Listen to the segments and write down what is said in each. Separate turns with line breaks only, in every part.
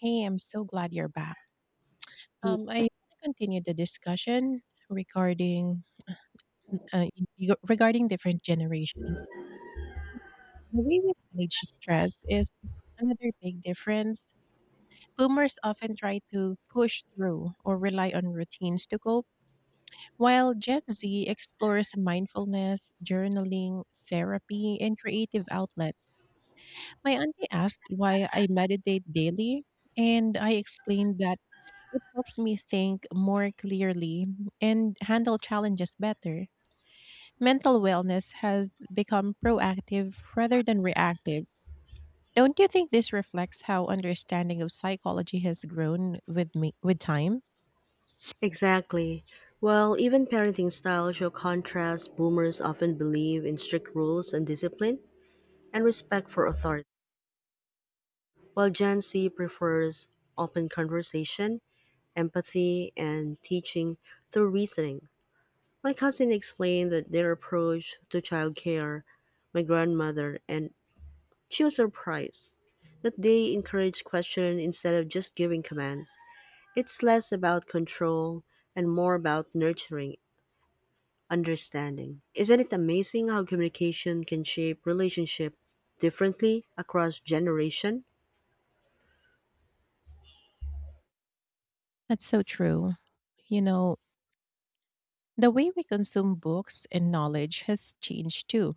Hey, I'm so glad you're back.
Mm,
I want to continue the discussion regarding mm, uh, y- regarding different generations. The way we manage stress is another big difference. Boomers often try to push through or rely on routines to cope, while Gen Z explores mindfulness, journaling, therapy, and creative outlets. My auntie asked why I meditate daily, and I explained that it helps me think more clearly and handle challenges better. Mental wellness has become proactive rather than reactive. Don't you think this reflects how understanding of psychology has grown with me with time?
exactly. Well, even parenting style show contrast. Boomers often believe in strict rules and discipline and respect for authority, while Gen Z prefers open conversation, empathy, and teaching through reasoning. My cousin explained that their approach to childcare, my grandmother, and she was surprised that they encourage question instead of just giving commands. It's less about control and more about nurturing understanding. Isn't it amazing how communication can shape relationship differently across generation?
That's so true. You know, the way we consume books and knowledge has changed too.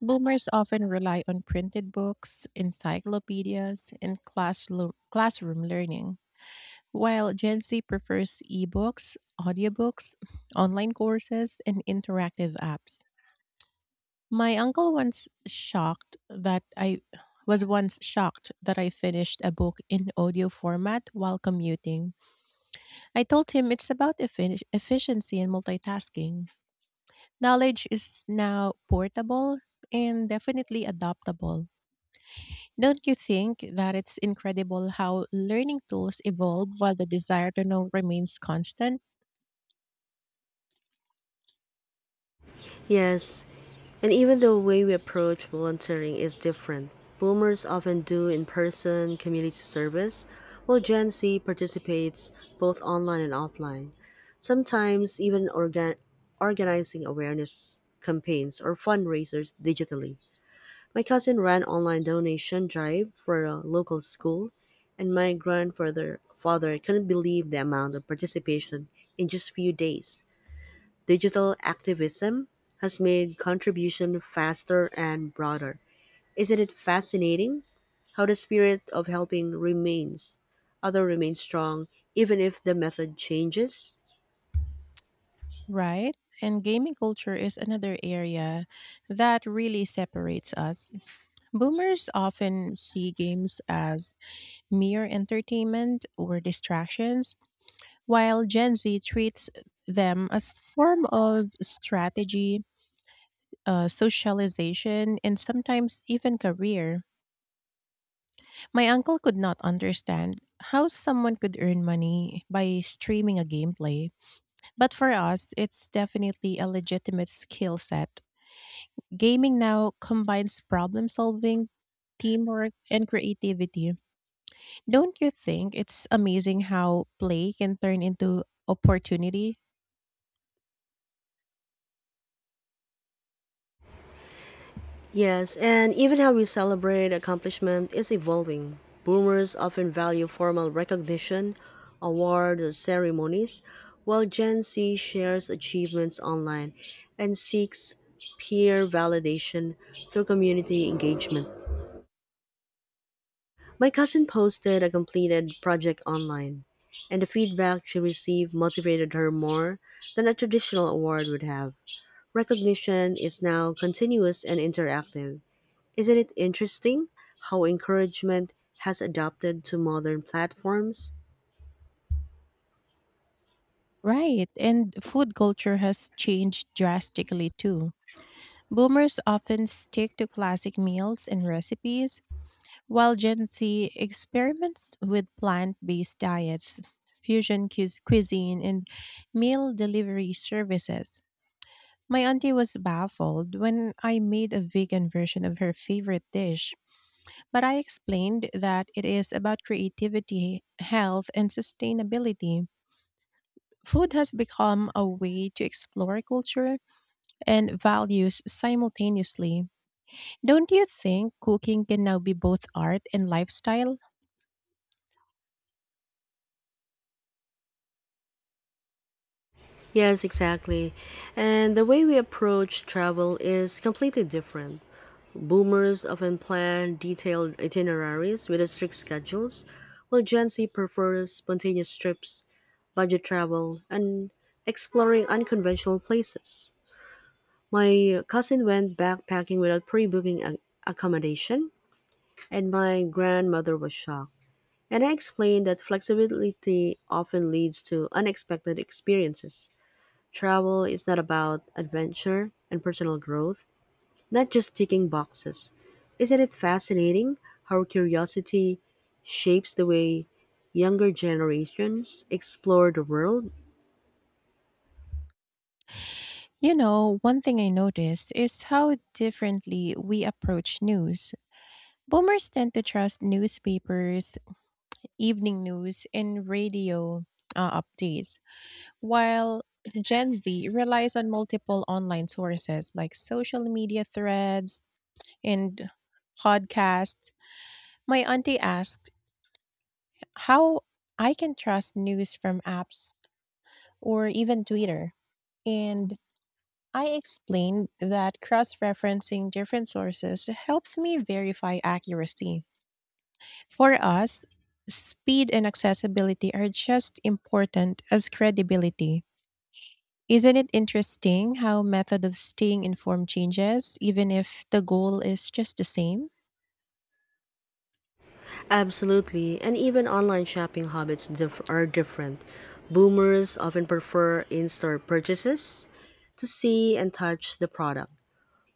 Boomers often rely on printed books, encyclopedias, and classroom learning, while Gen Z prefers ebooks, audiobooks, online courses, and interactive apps. My uncle once shocked that I was once shocked that I finished a book in audio format while commuting. I told him it's about efficiency and multitasking. Knowledge is now portable and definitely adaptable. Don't you think that it's incredible how learning tools evolve while the desire to know remains constant?
Yes, and even the way we approach volunteering is different. Boomers often do in-person community service, while Gen Z participates both online and offline. Sometimes even organizing awareness campaigns or fundraisers digitally. My cousin ran online donation drive for a local school and my grandfather father couldn't believe the amount of participation in just few days. Digital activism has made contribution faster and broader. Isn't it fascinating how the spirit of helping remains other remains strong even if the method changes?
Right? And gaming culture is another area that really separates us. Boomers often see games as mere entertainment or distractions, while Gen Z treats them as form of strategy, socialization, and sometimes even career. My uncle could not understand how someone could earn money by streaming a gameplay. But for us, it's definitely a legitimate skill set. Gaming now combines problem solving, teamwork, and creativity. Don't you think it's amazing how play can turn into opportunity?
Yes, and even how we celebrate accomplishment is evolving. Boomers often value formal recognition, award or ceremonies, while Gen Z shares achievements online and seeks peer validation through community engagement. My cousin posted a completed project online, and the feedback she received motivated her more than a traditional award would have. Recognition is now continuous and interactive. Isn't it interesting how encouragement has adapted to modern platforms?
Right, and food culture has changed drastically too. Boomers often stick to classic meals and recipes, while Gen Z experiments with plant based diets, fusion cuisine, and meal delivery services. My auntie was baffled when I made a vegan version of her favorite dish. But I explained that it is about creativity, health, and sustainability. Food has become a way to explore culture and values simultaneously. Don't you think cooking can now be both art and lifestyle?
Yes, exactly. And the way we approach travel is completely different. Boomers often plan detailed itineraries with strict schedules, while Gen Z prefers spontaneous trips, budget travel, and exploring unconventional places. My cousin went backpacking without pre booking accommodation, and my grandmother was shocked. And I explained that flexibility often leads to unexpected experiences. Travel is not about adventure and personal growth, not just ticking boxes. Isn't it fascinating how curiosity shapes the way younger generations explore the world?
You know, one thing I noticed is how differently we approach news. Boomers tend to trust newspapers, evening news, and radio updates, while Gen Z relies on multiple online sources like social media threads and podcasts. My auntie asked how I can trust news from apps or even Twitter. And I explained that cross referencing different sources helps me verify accuracy. For us, speed and accessibility are just important as credibility. Isn't it interesting how method of staying informed changes even if the goal is just the same?
Absolutely, and even online shopping habits are different. Boomers often prefer in store purchases to see and touch the product.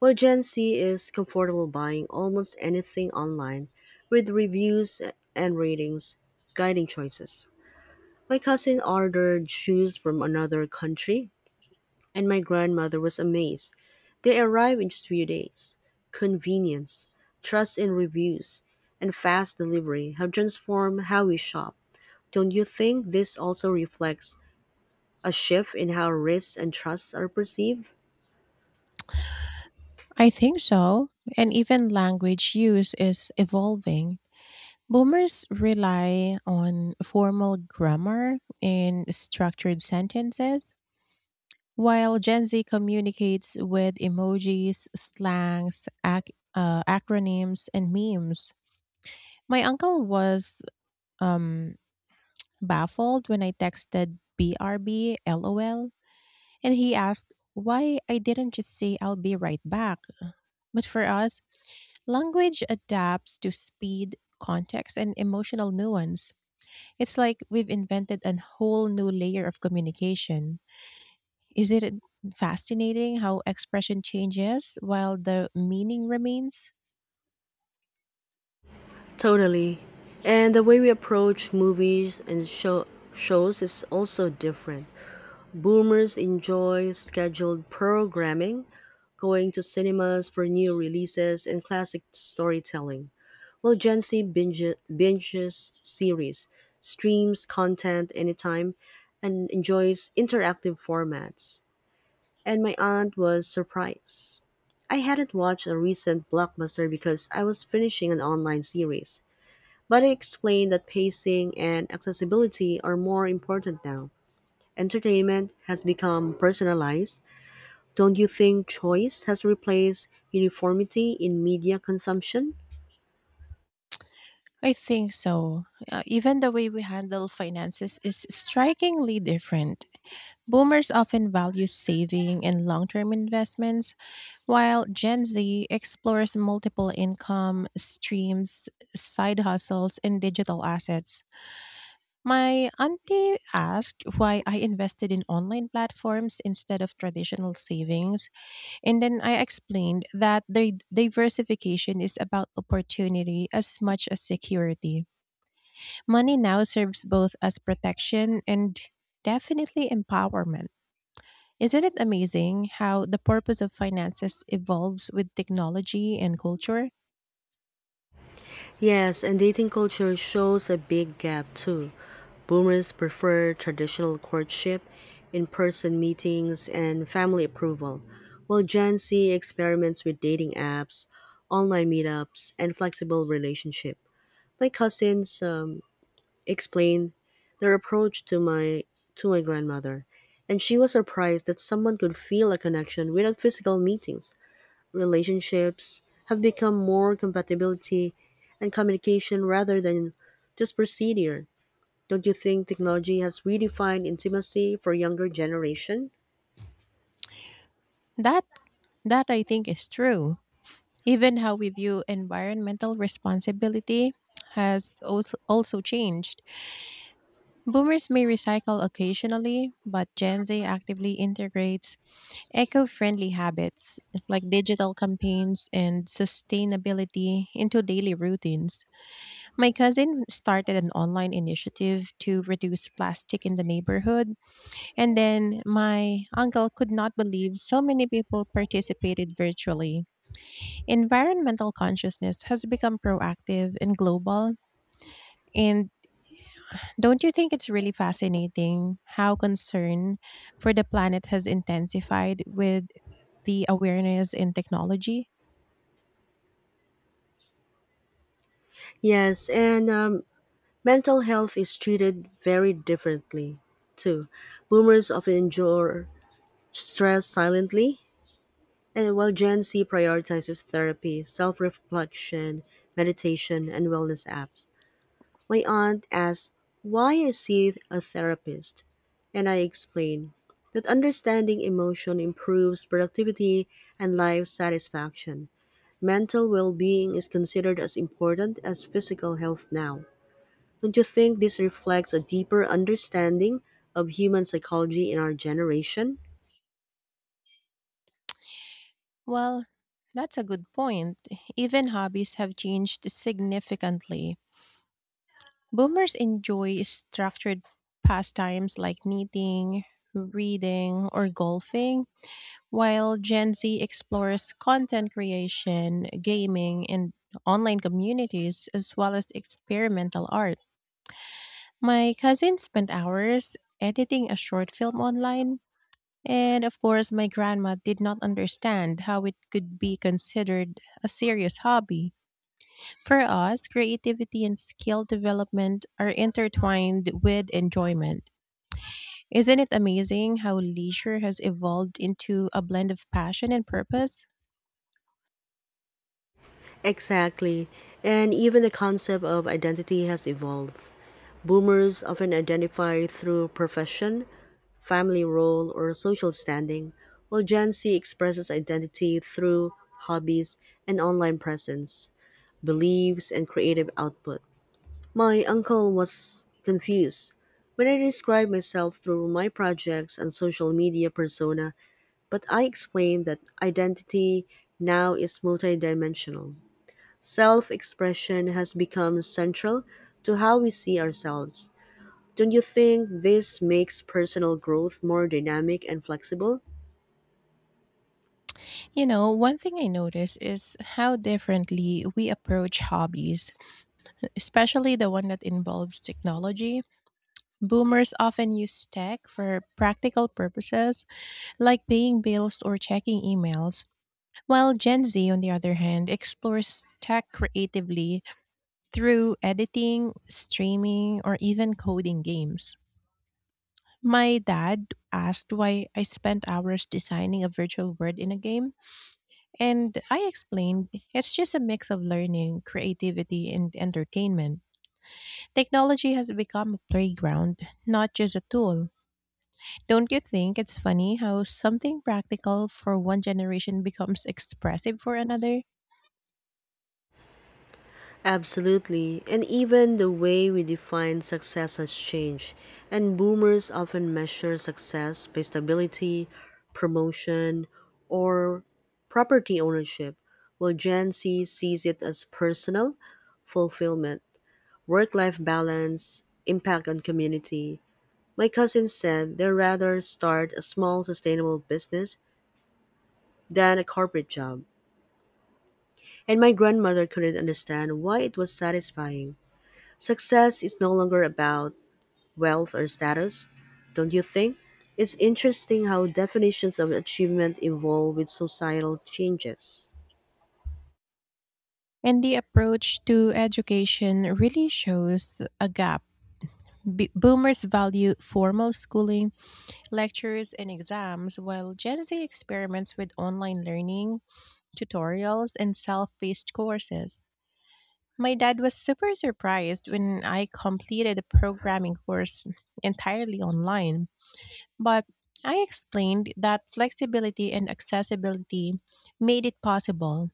Well, Gen Z is comfortable buying almost anything online, with reviews and ratings guiding choices. My cousin ordered shoes from another country, and my grandmother was amazed. They arrived in just few days. Convenience, trust in reviews, and fast delivery have transformed how we shop. Don't you think this also reflects a shift in how risks and trusts are perceived?
I think so. And even language use is evolving. Boomers rely on formal grammar and structured sentences, while Gen Z communicates with emojis, slangs, acronyms, and memes. My uncle was um, baffled when I texted BRB LOL, and he asked why I didn't just say I'll be right back. But for us, language adapts to speed, context, and emotional nuance. It's like we've invented a whole new layer of communication. Is it fascinating how expression changes while the meaning remains?
Totally. And the way we approach movies and shows is also different. Boomers enjoy scheduled programming, going to cinemas for new releases and classic storytelling, while Gen Z binges series, streams content anytime, and enjoys interactive formats. And my aunt was surprised. I hadn't watched a recent blockbuster because I was finishing an online series. But he explained that pacing and accessibility are more important now. Entertainment has become personalized. Don't you think choice has replaced uniformity in media consumption?
I think so. Even the way we handle finances is strikingly different. Boomers often value saving and long term investments, while Gen Z explores multiple income streams, side hustles, and digital assets. My auntie asked why I invested in online platforms instead of traditional savings. And then I explained that the diversification is about opportunity as much as security. Money now serves both as protection and definitely empowerment. Isn't it amazing how the purpose of finances evolves with technology and culture?
Yes, and dating culture shows a big gap too. Boomers prefer traditional courtship, in person meetings, and family approval, while Gen Z experiments with dating apps, online meetups, and flexible relationship. My cousins explained their approach to my grandmother, and she was surprised that someone could feel a connection without physical meetings. Relationships have become more compatibility and communication rather than just procedure. Don't you think technology has redefined intimacy for younger generation?
That that I think is true. Even how we view environmental responsibility also changed. Boomers may recycle occasionally, but Gen Z actively integrates eco-friendly habits like digital campaigns and sustainability into daily routines. My cousin started an online initiative to reduce plastic in the neighborhood, and then my uncle could not believe so many people participated virtually. Environmental consciousness has become proactive and global. And don't you think it's really fascinating how concern for the planet has intensified with the awareness in technology?
Yes, and mental health is treated very differently too. Boomers often endure stress silently, and while Gen Z prioritizes therapy, self reflection, meditation, and wellness apps, my aunt asks why I see a therapist. And I explain that understanding emotion improves productivity and life satisfaction. Mental well being is considered as important as physical health now. Don't you think this reflects a deeper understanding of human psychology in our generation?
Well, that's a good point. Even hobbies have changed significantly. Boomers enjoy structured pastimes like knitting, reading, or golfing, while Gen Z explores content creation, gaming, and online communities, as well as experimental art. My cousin spent hours editing a short film online, and of course, my grandma did not understand how it could be considered a serious hobby. For us, creativity and skill development are intertwined with enjoyment. Isn't it amazing how leisure has evolved into a blend of passion and purpose?
Exactly. And even the concept of identity has evolved. Boomers often identify through profession, family role, or social standing, while Gen Z expresses identity through hobbies and online presence, beliefs, and creative output. My uncle was confused when I described myself through my projects and social media persona, but I explained that identity now is multidimensional. Self-expression has become central to how we see ourselves. Don't you think this makes personal growth more dynamic and flexible?
You know, one thing I notice is how differently we approach hobbies, especially the one that involves technology. Boomers often use tech for practical purposes like paying bills or checking emails, while Gen Z, on the other hand, explores tech creatively through editing, streaming, or even coding games. My dad asked why I spent hours designing a virtual world in a game, and I explained, it's just a mix of learning, creativity, and entertainment. Technology has become a playground, not just a tool. Don't you think it's funny how something practical for one generation becomes expressive for another?
Absolutely. And even the way we define success has changed. And boomers often measure success by stability, promotion, or property ownership, while Gen Z sees it as personal fulfillment, work life balance, impact on community. My cousin said they'd rather start a small sustainable business than a corporate job, and my grandmother couldn't understand why it was satisfying. Success is no longer about wealth or status, don't you think? It's interesting how definitions of achievement evolve with societal changes.
And the approach to education really shows a gap. Boomers value formal schooling, lectures, and exams, while Gen Z experiments with online learning, tutorials, and self paced courses. My dad was super surprised when I completed a programming course entirely online, but I explained that flexibility and accessibility made it possible.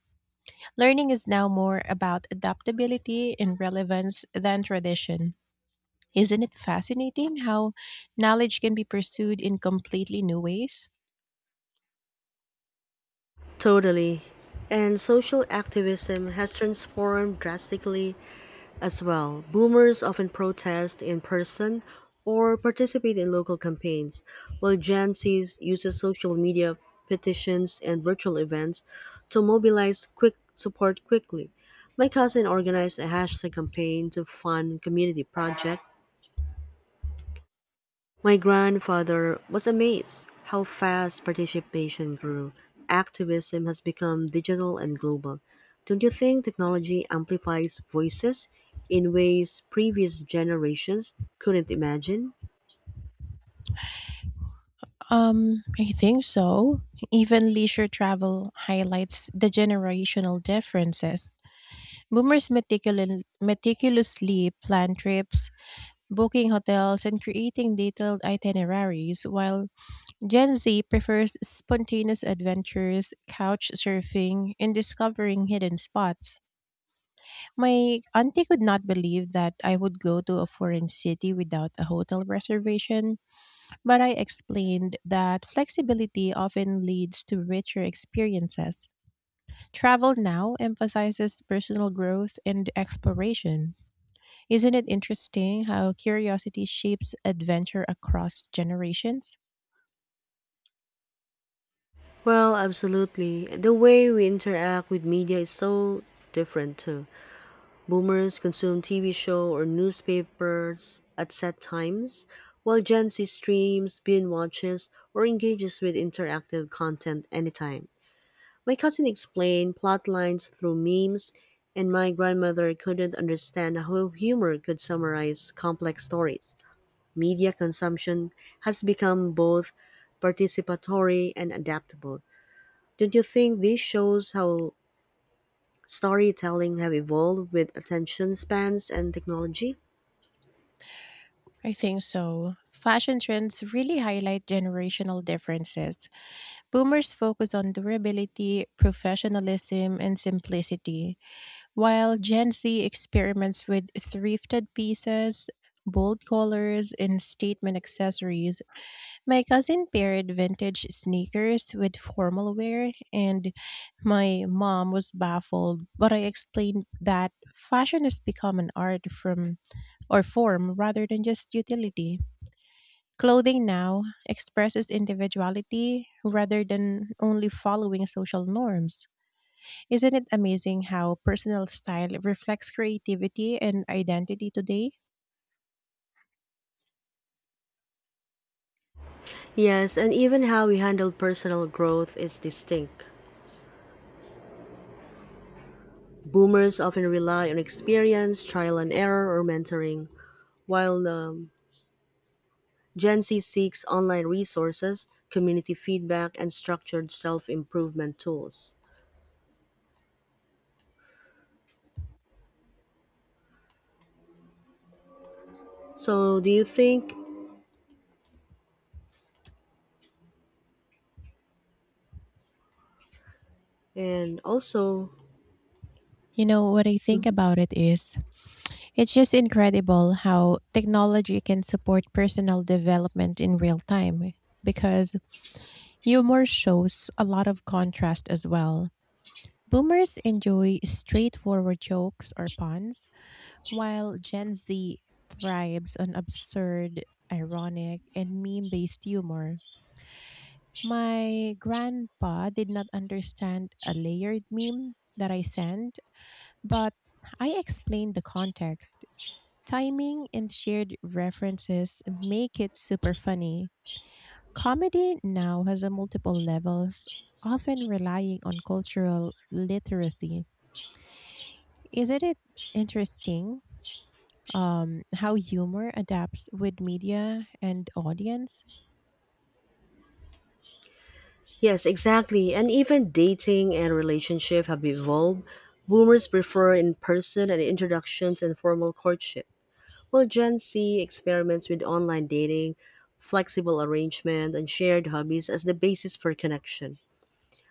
Learning is now more about adaptability and relevance than tradition. Isn't it fascinating how knowledge can be pursued in completely new ways?
Totally. And social activism has transformed drastically as well. Boomers often protest in person or participate in local campaigns, while Gen Z uses social media, petitions, and virtual events to mobilize quick support quickly. My cousin organized a hashtag campaign to fund community project. My grandfather was amazed how fast participation grew. Activism has become digital and global. Don't you think technology amplifies voices in ways previous generations couldn't imagine?
I think so. Even leisure travel highlights the generational differences. Boomers meticulously plan trips, booking hotels, and creating detailed itineraries, while Gen Z prefers spontaneous adventures, couch surfing, and discovering hidden spots. My auntie could not believe that I would go to a foreign city without a hotel reservation, but I explained that flexibility often leads to richer experiences. Travel now emphasizes personal growth and exploration. Isn't it interesting how curiosity shapes adventure across generations?
Well, absolutely. The way we interact with media is so different too. Boomers consume TV show or newspapers at set times, while Gen Z streams, binge watches, or engages with interactive content anytime. My cousin explained plot lines through memes, and my grandmother couldn't understand how humor could summarize complex stories. Media consumption has become both participatory and adaptable. Don't you think this shows how storytelling have evolved with attention spans and technology?
I think so. Fashion trends really highlight generational differences. Boomers focus on durability, professionalism, and simplicity, while Gen Z experiments with thrifted pieces, bold colors, and statement accessories. My cousin paired vintage sneakers with formal wear, and my mom was baffled. But I explained that fashion has become an art from or form rather than just utility. Clothing now expresses individuality rather than only following social norms. Isn't it amazing how personal style reflects creativity and identity today?
Yes, and even how we handle personal growth is distinct. Boomers often rely on experience, trial and error, or mentoring, while Gen Z seeks online resources, community feedback, and structured self improvement tools. So, do you think, and also,
You know, what I think about it is it's just incredible how technology can support personal development in real time because humor shows a lot of contrast as well. Boomers enjoy straightforward jokes or puns, while Gen Z thrives on absurd, ironic, and meme based humor. My grandpa did not understand a layered meme that I sent, but I explained the context. Timing and shared references make it super funny. Comedy now has a multiple levels, often relying on cultural literacy. Isn't it interesting, how humor adapts with media and audience?
yes, exactly, and even dating and relationship have evolved. Boomers prefer in person and introductions and formal courtship, while Gen Z experiments with online dating, flexible arrangement, and shared hobbies as the basis for connection.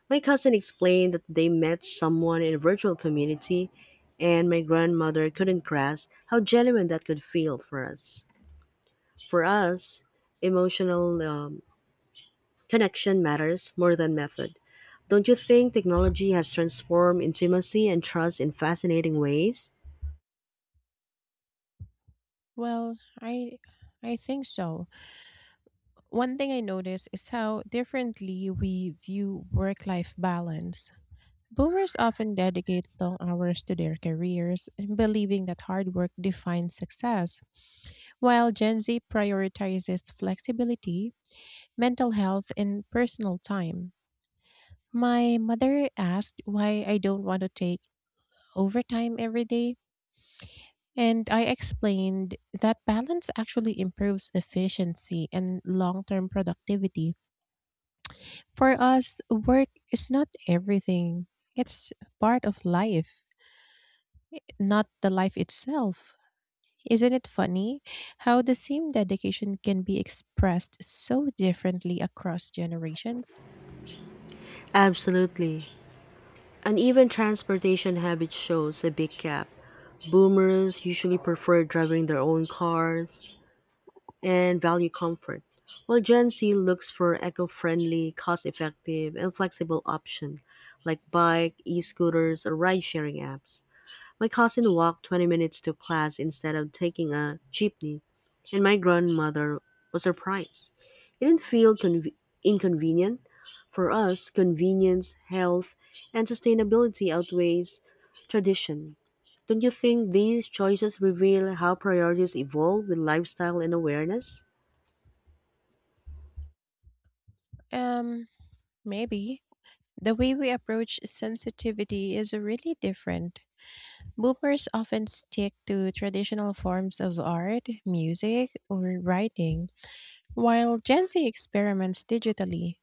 My cousin explained that they met someone in a virtual community, and my grandmother couldn't grasp how genuine that could feel for us. For us, emotional connection matters more than method. Don't you think technology has transformed intimacy and trust in fascinating ways?
Well, I think so. One thing I noticed is how differently we view work life balance. Boomers often dedicate long hours to their careers, believing that hard work defines success, while Gen Z prioritizes flexibility, mental health, and personal time. My mother asked why I don't want to take overtime every day, and I explained that balance actually improves efficiency and long term productivity. For us, work is not everything, it's part of life, not the life itself. Isn't it funny how the same dedication can be expressed so differently across generations?
Absolutely. And even transportation habits shows a big gap. Boomers usually prefer driving their own cars, and value comfort, while Gen Z looks for eco friendly, cost effective, and flexible options like bike, e scooters, or ride sharing apps. My cousin walked 20 minutes to class instead of taking a jeepney, and my grandmother was surprised. It didn't feel inconvenient. For us, convenience, health, and sustainability outweighs tradition. Don't you think these choices reveal how priorities evolve with lifestyle and awareness?
Um, Maybe. The way we approach sensitivity is really different. Boomers often stick to traditional forms of art, music, or writing, while Gen Z experiments digitally,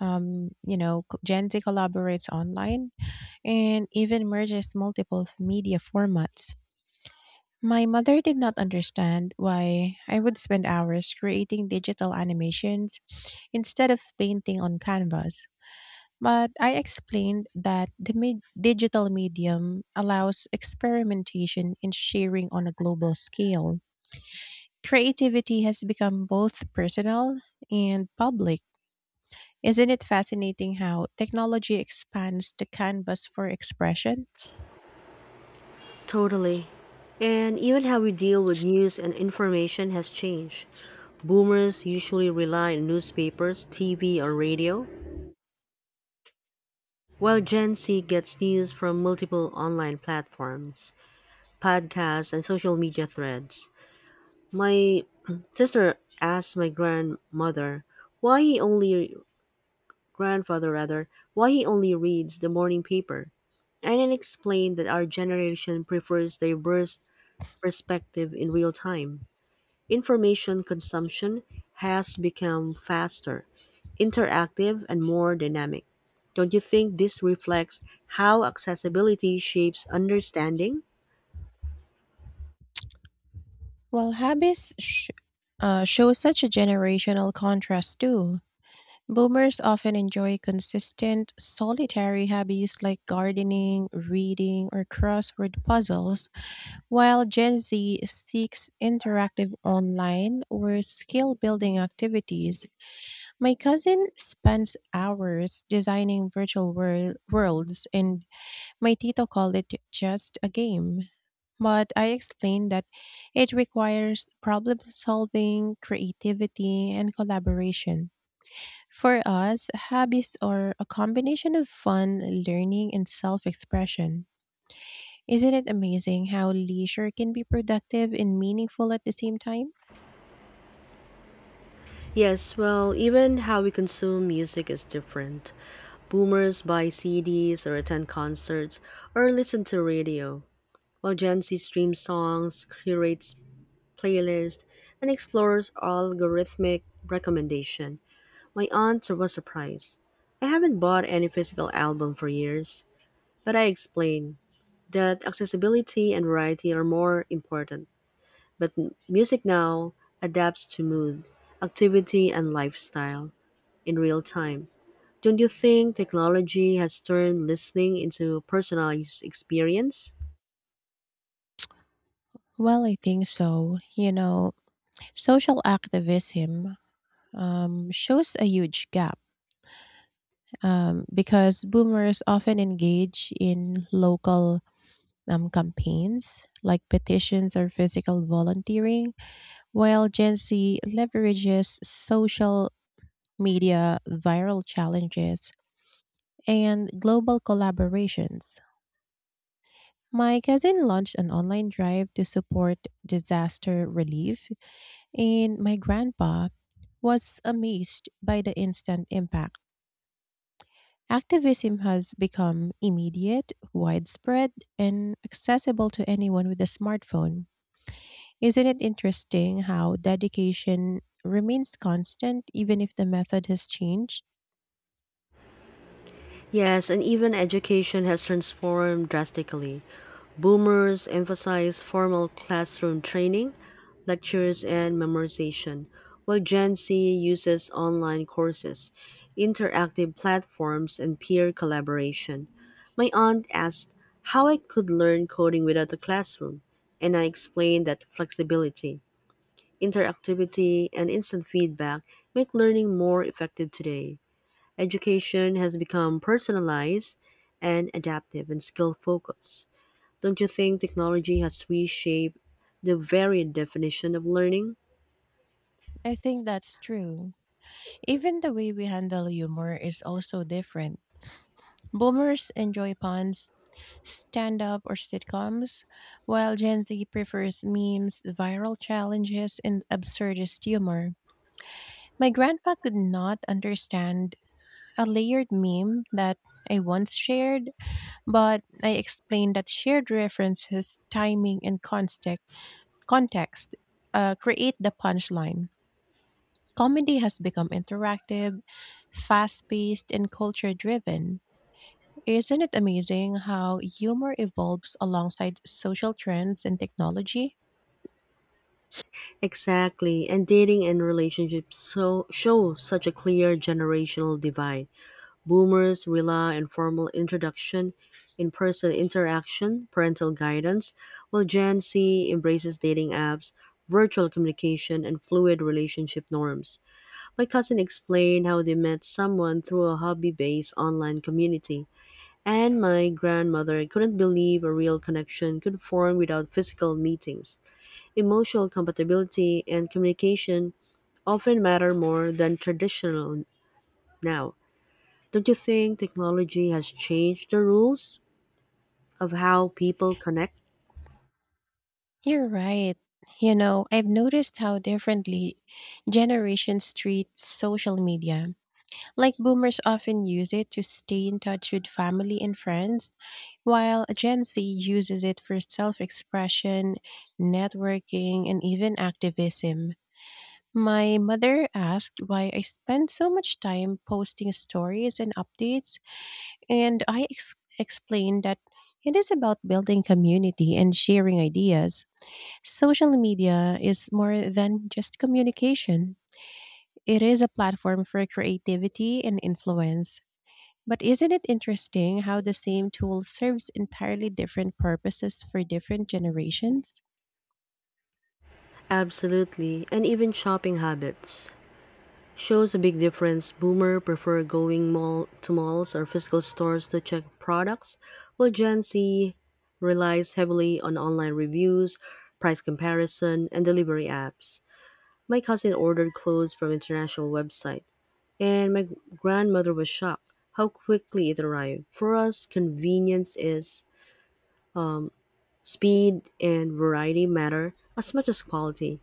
Gen Z collaborates online and even merges multiple media formats. My mother did not understand why I would spend hours creating digital animations instead of painting on canvas. But I explained that the digital medium allows experimentation and sharing on a global scale. Creativity has become both personal and public. Isn't it fascinating how technology expands the canvas for expression?
Totally. And even how we deal with news and information has changed. Boomers usually rely on newspapers, TV, or radio, while Gen Z gets news from multiple online platforms, podcasts, and social media threads. My sister asked my grandmother why he only grandfather rather why he only reads the morning paper, and I explained that our generation prefers diverse perspective in real time. Information consumption has become faster, interactive, and more dynamic. Don't you think this reflects how accessibility shapes understanding?
While show such a generational contrast too. Boomers often enjoy consistent, solitary hobbies like gardening, reading, or crossword puzzles, while Gen Z seeks interactive online or skill building activities. My cousin spends hours designing worlds, and my tito called it just a game, but I explained that it requires problem solving, creativity, and collaboration. For us, hobbies are a combination of fun, learning, and self expression. Isn't it amazing how leisure can be productive and meaningful at the same time?
Yes, well, even how we consume music is different. Boomers buy CDs or attend concerts or listen to radio, while Gen Z streams songs, curates playlists, and explores algorithmic recommendation. My aunt was surprised. I haven't bought any physical album for years, but I explained that accessibility and variety are more important. But music now adapts to mood, activity, and lifestyle in real time. Don't you think technology has turned listening into a personalized experience?
Well, I think so. You know, social activism shows a huge gap because boomers often engage in local campaigns like petitions or physical volunteering, while Gen Z leverages social media, viral challenges, and global collaborations. My cousin launched an online drive to support disaster relief, and my grandpa was amazed by the instant impact. Activism has become immediate, widespread, and accessible to anyone with a smartphone. Isn't it interesting how dedication remains constant even if the method has changed?
Yes, and even education has transformed drastically. Boomers emphasize formal classroom training, lectures, and memorization, while Gen Z uses online courses, interactive platforms, and peer collaboration. My aunt asked how I could learn coding without a classroom, and I explained that flexibility, interactivity, and instant feedback make learning more effective today. Education has become personalized and adaptive and skill focused. Don't you think technology has reshaped the very definition of learning?
I think that's true. Even the way we handle humor is also different. Boomers enjoy puns, stand up, or sitcoms, while Gen Z prefers memes, viral challenges, and absurdist humor. My grandpa could not understand a layered meme that I once shared, but I explained that shared references, timing, and context create the punchline. Comedy has become interactive, fast paced, and culture driven. Isn't it amazing how humor evolves alongside social trends and technology?
Exactly, and dating and relationships so show such a clear generational divide. Boomers rely on formal introduction, in-person interaction, parental guidance, while Gen Z embraces dating apps, virtual communication, and fluid relationship norms. My cousin explained how they met someone through a hobby-based online community, and my grandmother couldn't believe a real connection could form without physical meetings. Emotional compatibility and communication often matter more than traditional now. Don't you think technology has changed the rules of how people connect?
You're right. You know, I've noticed how differently generations treat social media. Like boomers often use it to stay in touch with family and friends, while Gen Z uses it for self expression, networking, and even activism. My mother asked why I spend so much time posting stories and updates, and I explained that it is about building community and sharing ideas. Social media is more than just communication. It is a platform for creativity and influence. But isn't it interesting how the same tool serves entirely different purposes for different generations?
Absolutely, and even shopping habits shows a big difference. Boomer prefer going mall to malls or physical stores to check products, while Gen Z relies heavily on online reviews, price comparison, and delivery apps. My cousin ordered clothes from international website and my grandmother was shocked how quickly it arrived. For us, convenience is speed and variety matter as much as quality.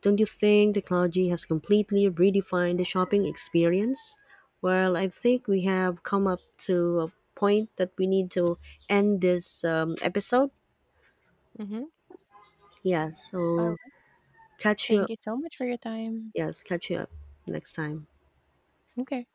Don't you think technology has completely redefined the shopping experience? Well, I think we have come up to a point that we need to end this episode.
Hmm.
Yeah,
All
so
right.
catch you.
Thank you so much for your time.
Yes, catch you up next time.
Okay.